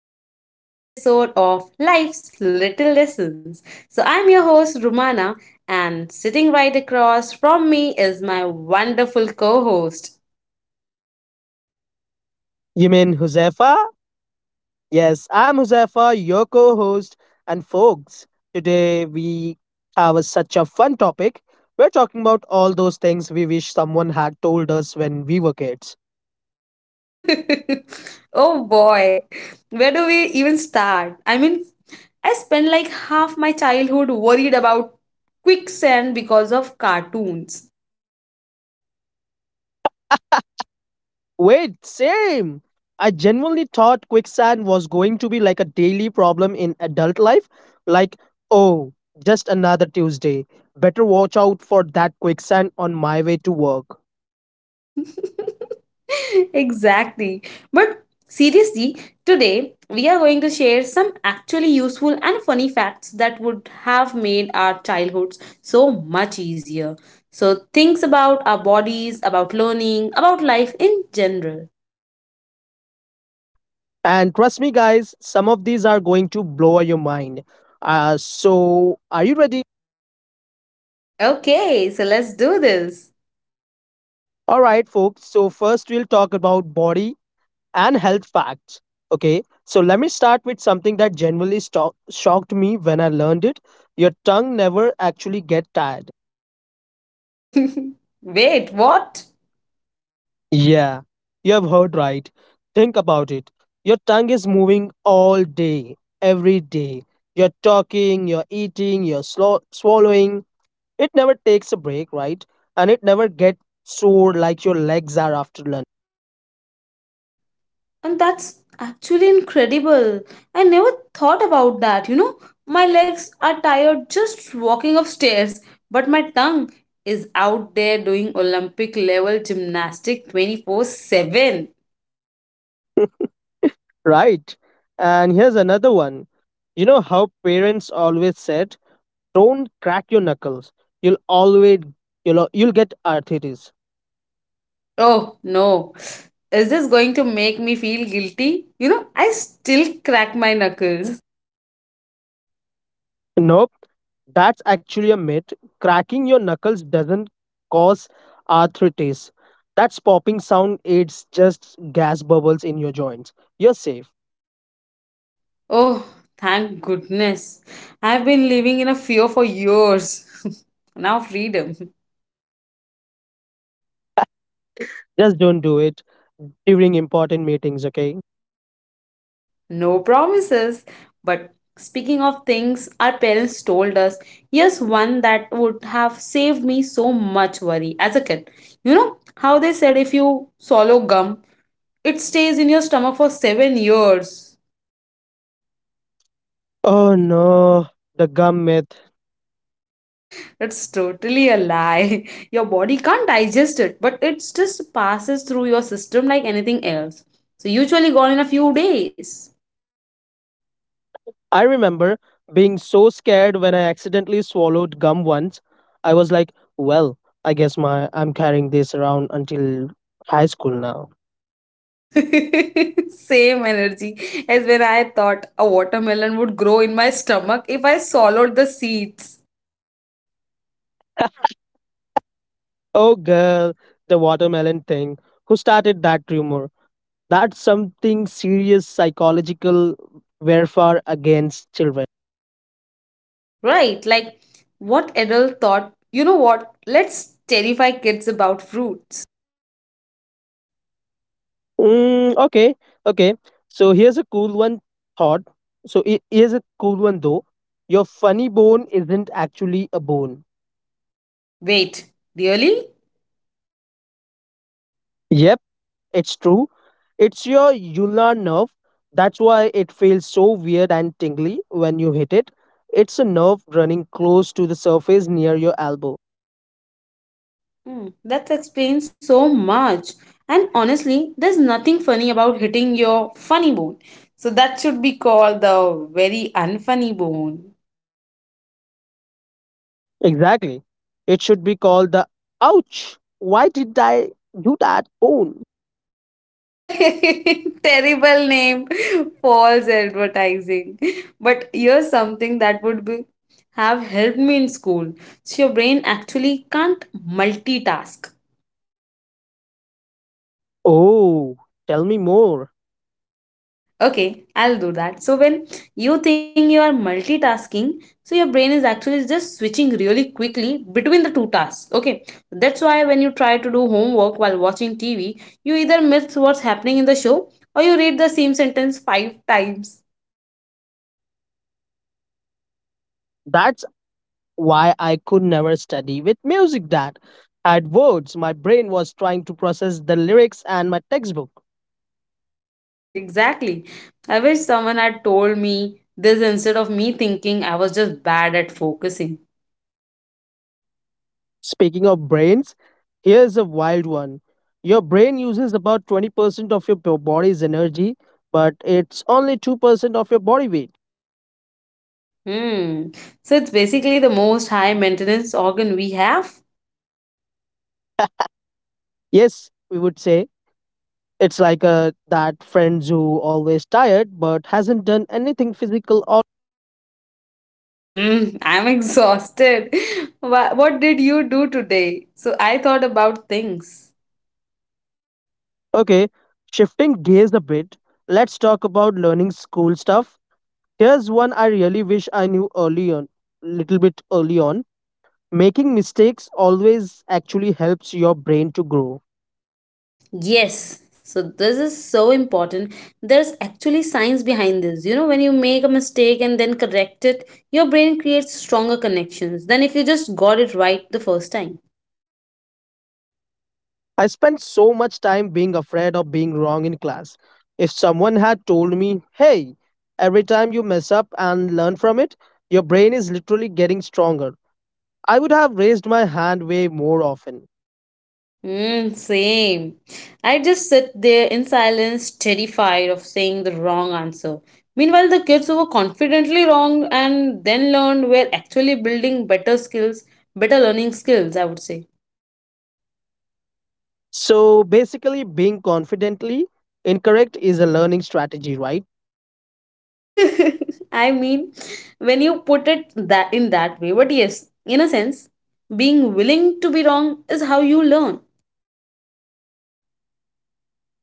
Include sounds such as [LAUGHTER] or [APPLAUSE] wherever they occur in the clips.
welcome back to another episode of Life's Little Lessons. So, I'm your host, Rumana, and sitting right across from me is my wonderful co host. You mean Huzefa? Yes, I'm Huzefa, your co host. And folks, today we have such a fun topic. We're talking about all those things we wish someone had told us when we were kids. [LAUGHS] Oh boy, where do we even start? I mean, I spent like half my childhood worried about quicksand because of cartoons. Wait, same! I genuinely thought quicksand was going to be like a daily problem in adult life. Like, oh, just another Tuesday. Better watch out for that quicksand on my way to work. [LAUGHS] Exactly. But seriously, today we are going to share some actually useful and funny facts that would have made our childhoods so much easier. So, things about our bodies, about learning, about life in general. And trust me, guys, some of these are going to blow your mind. Are you ready? Okay, so let's do this. All right, folks. So, first, we'll talk about body and health facts. Okay. So, let me start with something that shocked me when I learned it. Your tongue never actually get tired. [LAUGHS] Wait, what? Yeah, you have heard right. Think about it. Your tongue is moving all day, every day. You're talking, you're eating, swallowing. It never takes a break, right? And it never gets sore like your legs are after lunch. And that's actually incredible. I never thought about that, you know. My legs are tired just walking upstairs, but my tongue is out there doing Olympic level gymnastic 24/7. [LAUGHS] Right? And here's another one. You know how parents always said, "Don't crack your knuckles. You'll always you'll get arthritis." Oh no. Is this going to make me feel guilty? You know, I still crack my knuckles. Nope, that's actually a myth. Cracking your knuckles doesn't cause arthritis. That's popping sound. It's just gas bubbles in your joints. You're safe. Oh, thank goodness. I've been living in a fear for years. [LAUGHS] Now freedom. Just don't do it during important meetings, okay? No promises. But speaking of things our parents told us, here's one that would have saved me so much worry as a kid. You know how they said if you swallow gum, it stays in your stomach for 7 years. Oh no, the gum myth. That's totally a lie. [LAUGHS] Your body can't digest it, but it just passes through your system like anything else. So, usually gone in a few days. I remember being so scared when I accidentally swallowed gum once. I was like, well, I guess my I'm carrying this around until high school now. [LAUGHS] Same energy as when I thought a watermelon would grow in my stomach if I swallowed the seeds. [LAUGHS] Oh girl, the watermelon thing. Who started that rumor? That's something serious psychological warfare against children. Right, like what adult thought, you know what, let's terrify kids about fruits. Mm, okay, okay. So here's a cool one thought. Here's a cool one though. Your funny bone isn't actually a bone. Wait, really? Yep, it's true. It's your ulnar nerve. That's why it feels so weird and tingly when you hit it. It's a nerve running close to the surface near your elbow. Hmm, that explains so much. And honestly, there's nothing funny about hitting your funny bone. So that should be called the very unfunny bone. Exactly. It should be called the ouch. Why did I do that bone? [LAUGHS] Terrible name, false advertising. But here's something that would be have helped me in school. So your brain actually can't multitask. Oh, tell me more. Okay, I'll do that. So when you think you are multitasking, so your brain is actually just switching really quickly between the two tasks. Okay, that's why when you try to do homework while watching TV, you either miss what's happening in the show or you read the same sentence 5 times. That's why I could never study with music that had words. My brain was trying to process the lyrics and my textbook. [LAUGHS] Exactly. I wish someone had told me this instead of me thinking I was just bad at focusing. Speaking of brains, here's a wild one. Your brain uses about 20% of your body's energy, but it's only 2% of your body weight. Hmm. So it's basically the most high maintenance organ we have. Yes, we would say it's like that friend who always tired but hasn't done anything physical. Or Hmm. I'm [LAUGHS] exhausted. What did you do today? So I thought about things. okay, shifting gears a bit, let's talk about learning school stuff. Here's one I really wish I knew early on, little bit early on. Making mistakes always actually helps your brain to grow. Yes. So this is so important. There's actually science behind this. You know, when you make a mistake and then correct it, your brain creates stronger connections than if you just got it right the first time. I spent so much time being afraid of being wrong in class. If someone had told me, hey, every time you mess up and learn from it, your brain is literally getting stronger, I would have raised my hand way more often. Mm, same. I just sit there in silence, terrified of saying the wrong answer. Meanwhile, the kids who were confidently wrong and then learned were actually building better skills, better learning skills, I would say. So basically, being confidently incorrect is a learning strategy, right? [LAUGHS] I mean, when you put it that in that way, but yes, in a sense, being willing to be wrong is how you learn.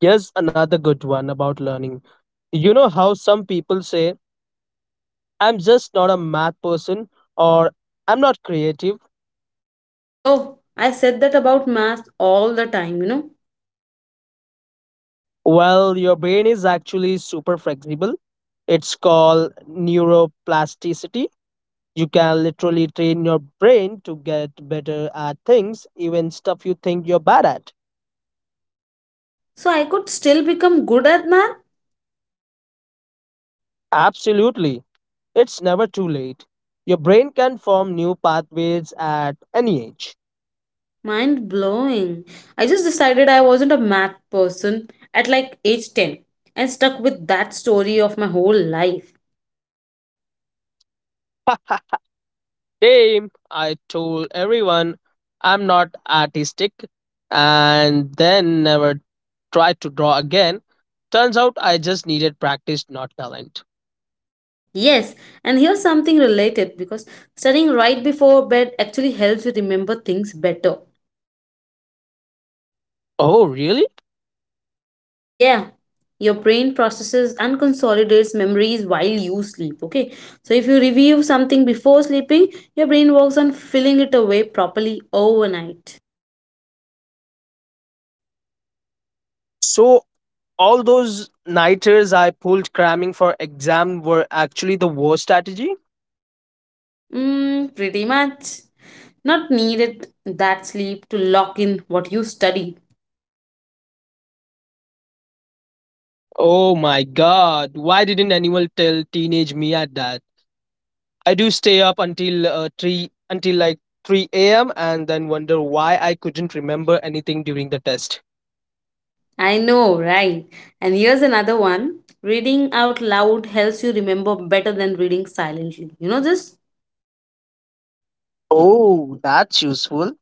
Here's another good one about learning. You know how some people say, I'm just not a math person, or I'm not creative? Oh, I said that about math all the time, you know. Well, your brain is actually super flexible. It's called neuroplasticity. You can literally train your brain to get better at things, even stuff you think you're bad at. So I could still become good at math. Absolutely. It's never too late. Your brain can form new pathways at any age. Mind blowing. I just decided I wasn't a math person at like age 10 and stuck with that story of my whole life. [LAUGHS] Same, I told everyone I'm not artistic and then never tried to draw again. Turns out I just needed practice, not talent. Yes, and here's something related because studying right before bed actually helps you remember things better. Oh, really? Yeah, your brain processes and consolidates memories while you sleep. Okay, so if you review something before sleeping, your brain works on filling it away properly overnight. So, all those nighters I pulled cramming for exam were actually the worst strategy? Mm, pretty much. Not needed that sleep to lock in what you study. Oh my god, why didn't anyone tell teenage me at that? I do stay up until 3 until like 3 a.m. and then wonder why I couldn't remember anything during the test. I know, right? And here's another one. Reading out loud helps you remember better than reading silently. You know this? Oh, that's useful.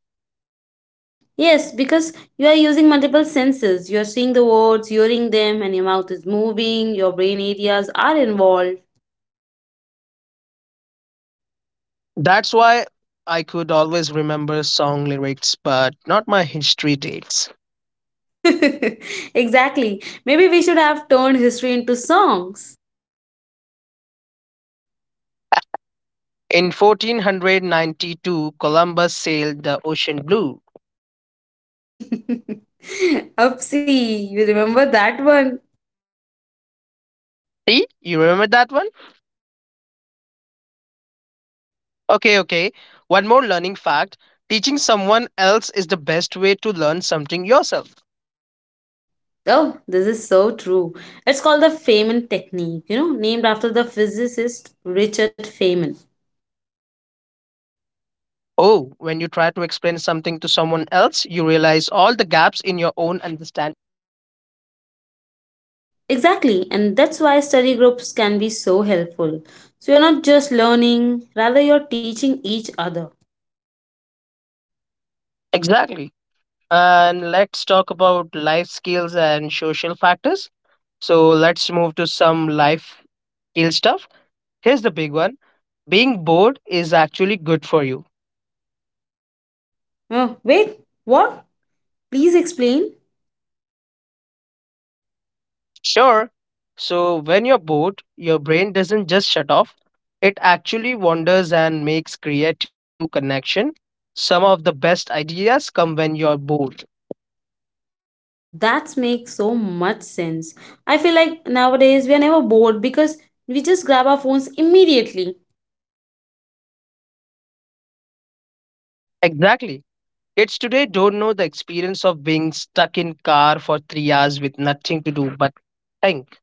Yes, because you are using multiple senses. You are seeing the words, hearing them, and your mouth is moving, your brain areas are involved. That's why I could always remember song lyrics but not my history dates. [LAUGHS] Exactly. Maybe we should have turned history into songs. In 1492, Columbus sailed the ocean blue. [LAUGHS] Upsie, you remember that one? See, you remember that one? Okay, okay. One more learning fact, teaching someone else is the best way to learn something yourself. Oh, this is so true. It's called the Feynman technique, you know, named after the physicist Richard Feynman. Oh, when you try to explain something to someone else, you realize all the gaps in your own understanding. Exactly, and that's why study groups can be so helpful. So you're not just learning, rather, you're teaching each other. Exactly. And let's talk about life skills and social factors. So let's move to some life skill stuff. Here's the big one, being bored is actually good for you. Oh, wait, what? Please explain. Sure. So when you're bored, your brain doesn't just shut off. It actually wanders and makes creative connection. Some of the best ideas come when you're bored. That makes so much sense. I feel like nowadays we are never bored because we just grab our phones immediately. Exactly. Kids today don't know the experience of being stuck in car for 3 hours with nothing to do but think.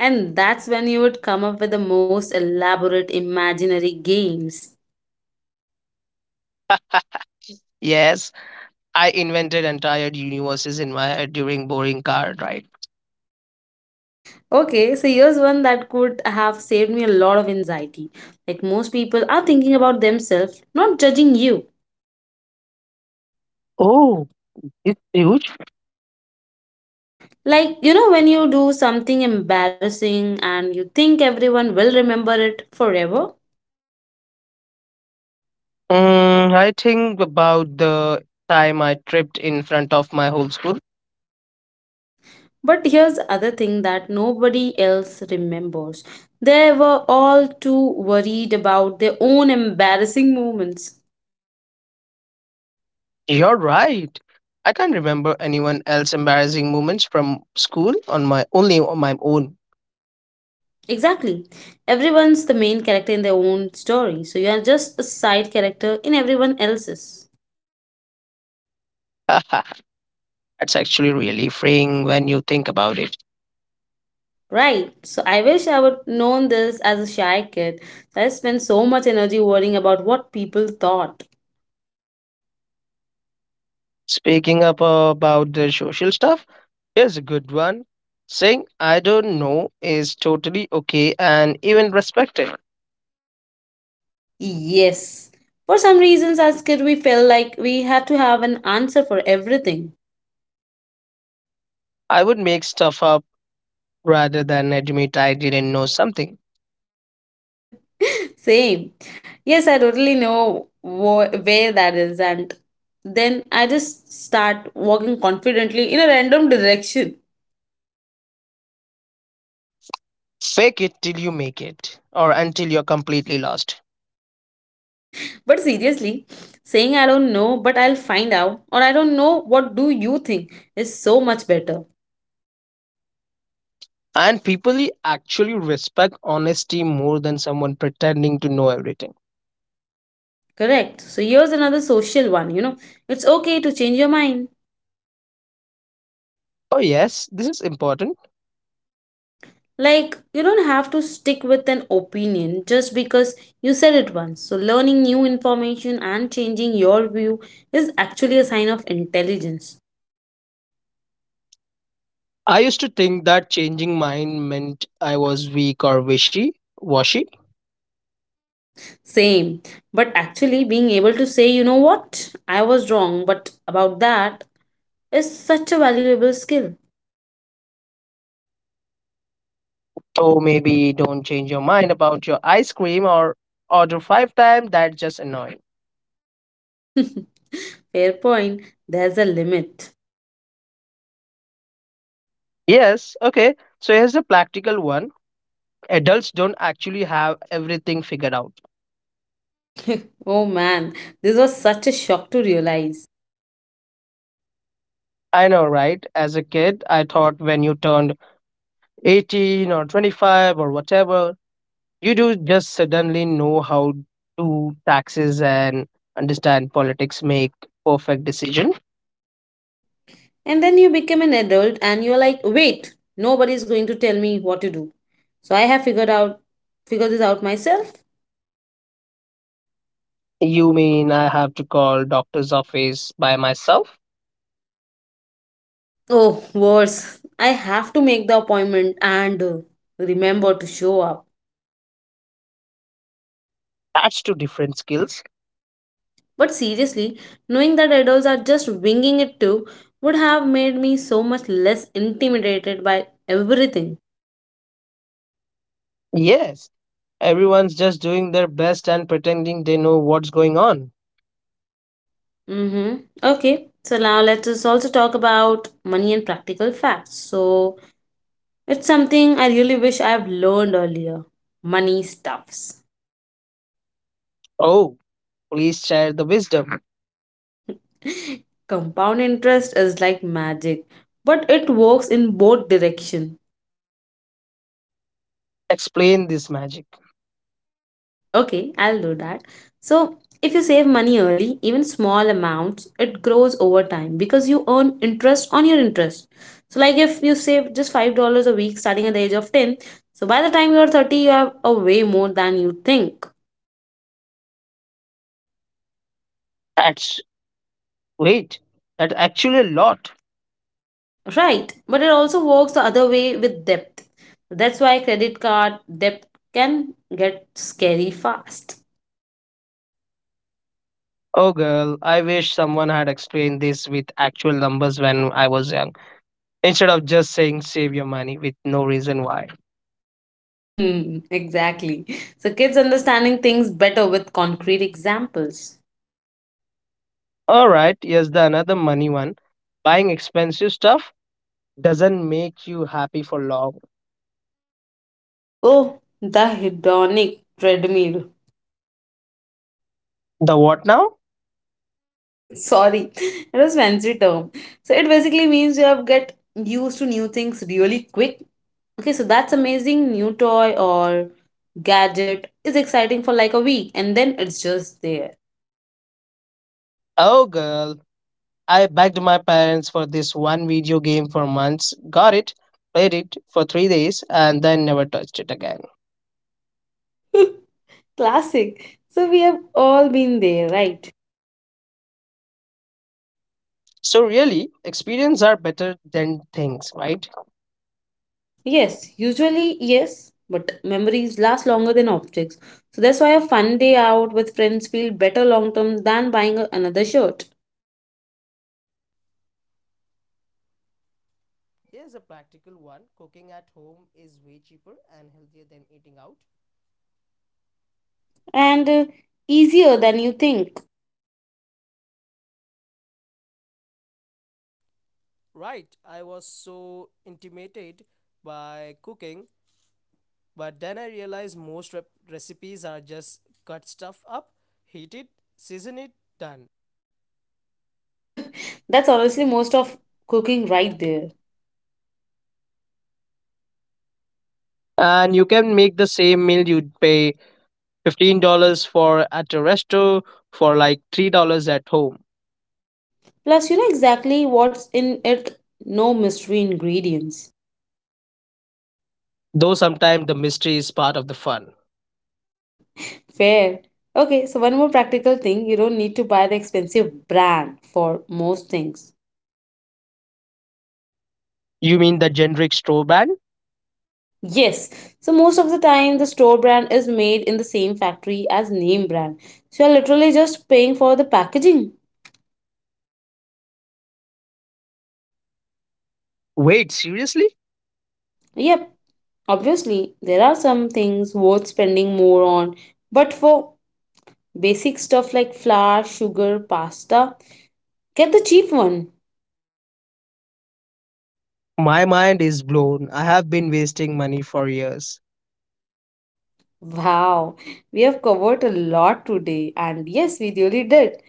And that's when you would come up with the most elaborate imaginary games. Yes, I invented entire universes in my head during boring car ride. Okay, so here's one that could have saved me a lot of anxiety. Like most people are thinking about themselves, not judging you. Oh, it's huge. Like, you know, when you do something embarrassing and you think everyone will remember it forever. Mm, I think about the time I tripped in front of my whole school. But here's the other thing that nobody else remembers. They were all too worried about their own embarrassing moments. You're right. I can't remember anyone else embarrassing moments from school on my only on my own. Exactly. Everyone's the main character in their own story. So you are just a side character in everyone else's. [LAUGHS] It's actually really freeing when you think about it. Right. So I wish I would known this as a shy kid. So I spent so much energy worrying about what people thought. Speaking up about the social stuff, here's a good one. Saying I don't know is totally okay and even respected. Yes. For some reasons as kid we felt like we had to have an answer for everything. I would make stuff up rather than admit I didn't know something. [LAUGHS] Same. Yes, I totally know where that is and then I just start walking confidently in a random direction. Fake it till you make it, or until you're completely lost. [LAUGHS] But seriously, saying I don't know but I'll find out or I don't know what do you think is so much better. And people actually respect honesty more than someone pretending to know everything. Correct. So here's another social one, you know. It's okay to change your mind. Oh, yes, this is important. Like, you don't have to stick with an opinion just because you said it once. So, learning new information and changing your view is actually a sign of intelligence. I used to think that changing mine meant I was weak or wishy washy. Same. But actually, being able to say, you know what, I was wrong, but about that is such a valuable skill. So maybe don't change your mind about your ice cream or order five times. That's just annoying. [LAUGHS] Fair point. There's a limit. Yes, okay. So here's the practical one, adults don't actually have everything figured out. [LAUGHS] Oh man, this was such a shock to realize. I know, right? As a kid, I thought when you turned 18 or 25 or whatever, you do just suddenly know how to taxes and understand politics make perfect decision. And then you become an adult and you're like, wait, nobody's going to tell me what to do. So I have figured this out myself. You mean I have to call doctor's office by myself? Oh, worse. I have to make the appointment and remember to show up. That's two different skills. But seriously, knowing that adults are just winging it too would have made me so much less intimidated by everything. Yes, everyone's just doing their best and pretending they know what's going on. Mm-hmm. Okay. So now let's just also talk about money and practical facts. So it's something I really wish I've learned earlier. Money stuffs. Oh, please share the wisdom. [LAUGHS] Compound interest is like magic, but it works in both direction. Explain this magic. Okay, I'll do that. So, if you save money early, even small amounts, it grows over time because you earn interest on your interest. So, like if you save just $5 a week starting at the age of 10, so by the time you are 30, you have a way more than you think. That's wait, that's actually a lot. Right, but it also works the other way with depth. That's why credit card debt can get scary fast. [LAUGHS] Oh girl, I wish someone had explained this with actual numbers when I was young, instead of just saying save your money with no reason why. Hmm, exactly. So kids understanding things better with concrete examples. All right, here's the another money one. Buying expensive stuff doesn't make you happy for long. Oh, the hedonic treadmill. The what now? [LAUGHS] Sorry, it was fancy term. So it basically means you have get used to new things really quick. Okay, so that's amazing. New toy or gadget is exciting for like a week, and then it's just there. Oh, girl, I begged my parents for this one video game for months, got it, played it for 3 days, and then never touched it again. [LAUGHS] Classic. So we have all been there, right? So, really, experiences are better than things, right? Yes, usually yes, but memories last longer than objects. So that's why a fun day out with friends feel better long term than buying another shirt and easier than you think. [LAUGHS] That's honestly most of cooking right there. And you can make the same meal you'd pay $15 for at a resto for like $3 at home. Plus, you know exactly what's in it, no mystery ingredients. Though sometimes the mystery is part of the fun. Fair. Okay, so one more practical thing, you don't need to buy the expensive brand for most things. You mean the generic straw brand? Yes. So most of the time the store brand is made in the same factory as name brand. So you're literally just paying for the packaging. Wait, seriously? Yep. Obviously, there are some things worth spending more on, but for basic stuff like flour, sugar, pasta, get the cheap one. My mind is blown. I have been wasting money for years. Wow, we have covered a lot today, and yes, we really did.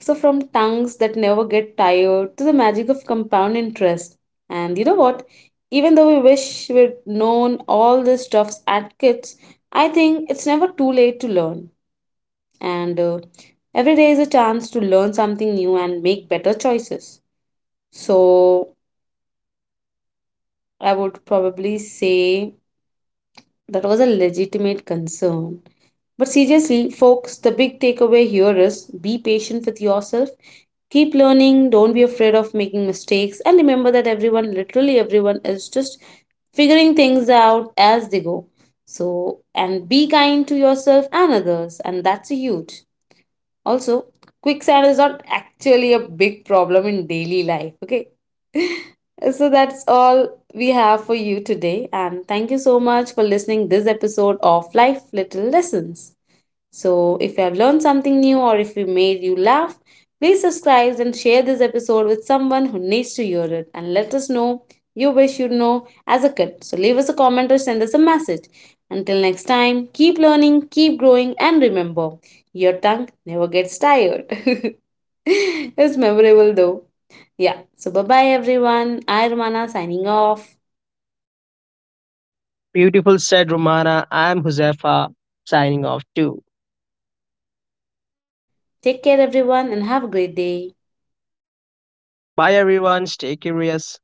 So, from tongues that never get tired to the magic of compound interest. And you know what? Even though we wish we'd known all this stuffs at kids, I think it's never too late to learn. And every day is a chance to learn something new and make better choices. So, I would probably say that was a legitimate concern. But seriously, folks, the big takeaway here is be patient with yourself. Keep learning, don't be afraid of making mistakes, and remember that everyone, literally everyone, is just figuring things out as they go. So, and be kind to yourself and others, and that's huge. Also, quicksand is not actually a big problem in daily life, okay? [LAUGHS] So that's all we have for you today and thank you so much for listening this episode of Life Little Lessons. So, if you have learned something new or if we made you laugh, please subscribe and share this episode with someone who needs to hear it and let us know you wish you know as a kid. So, leave us a comment or send us a message. Until next time, keep learning, keep growing, and remember your tongue never gets tired. [LAUGHS] It's memorable though. Yeah, so bye bye everyone. I, Romana, signing off. Beautiful said Romana. I'm Josefa signing off too. Take care everyone and have a great day. Bye everyone. Stay curious.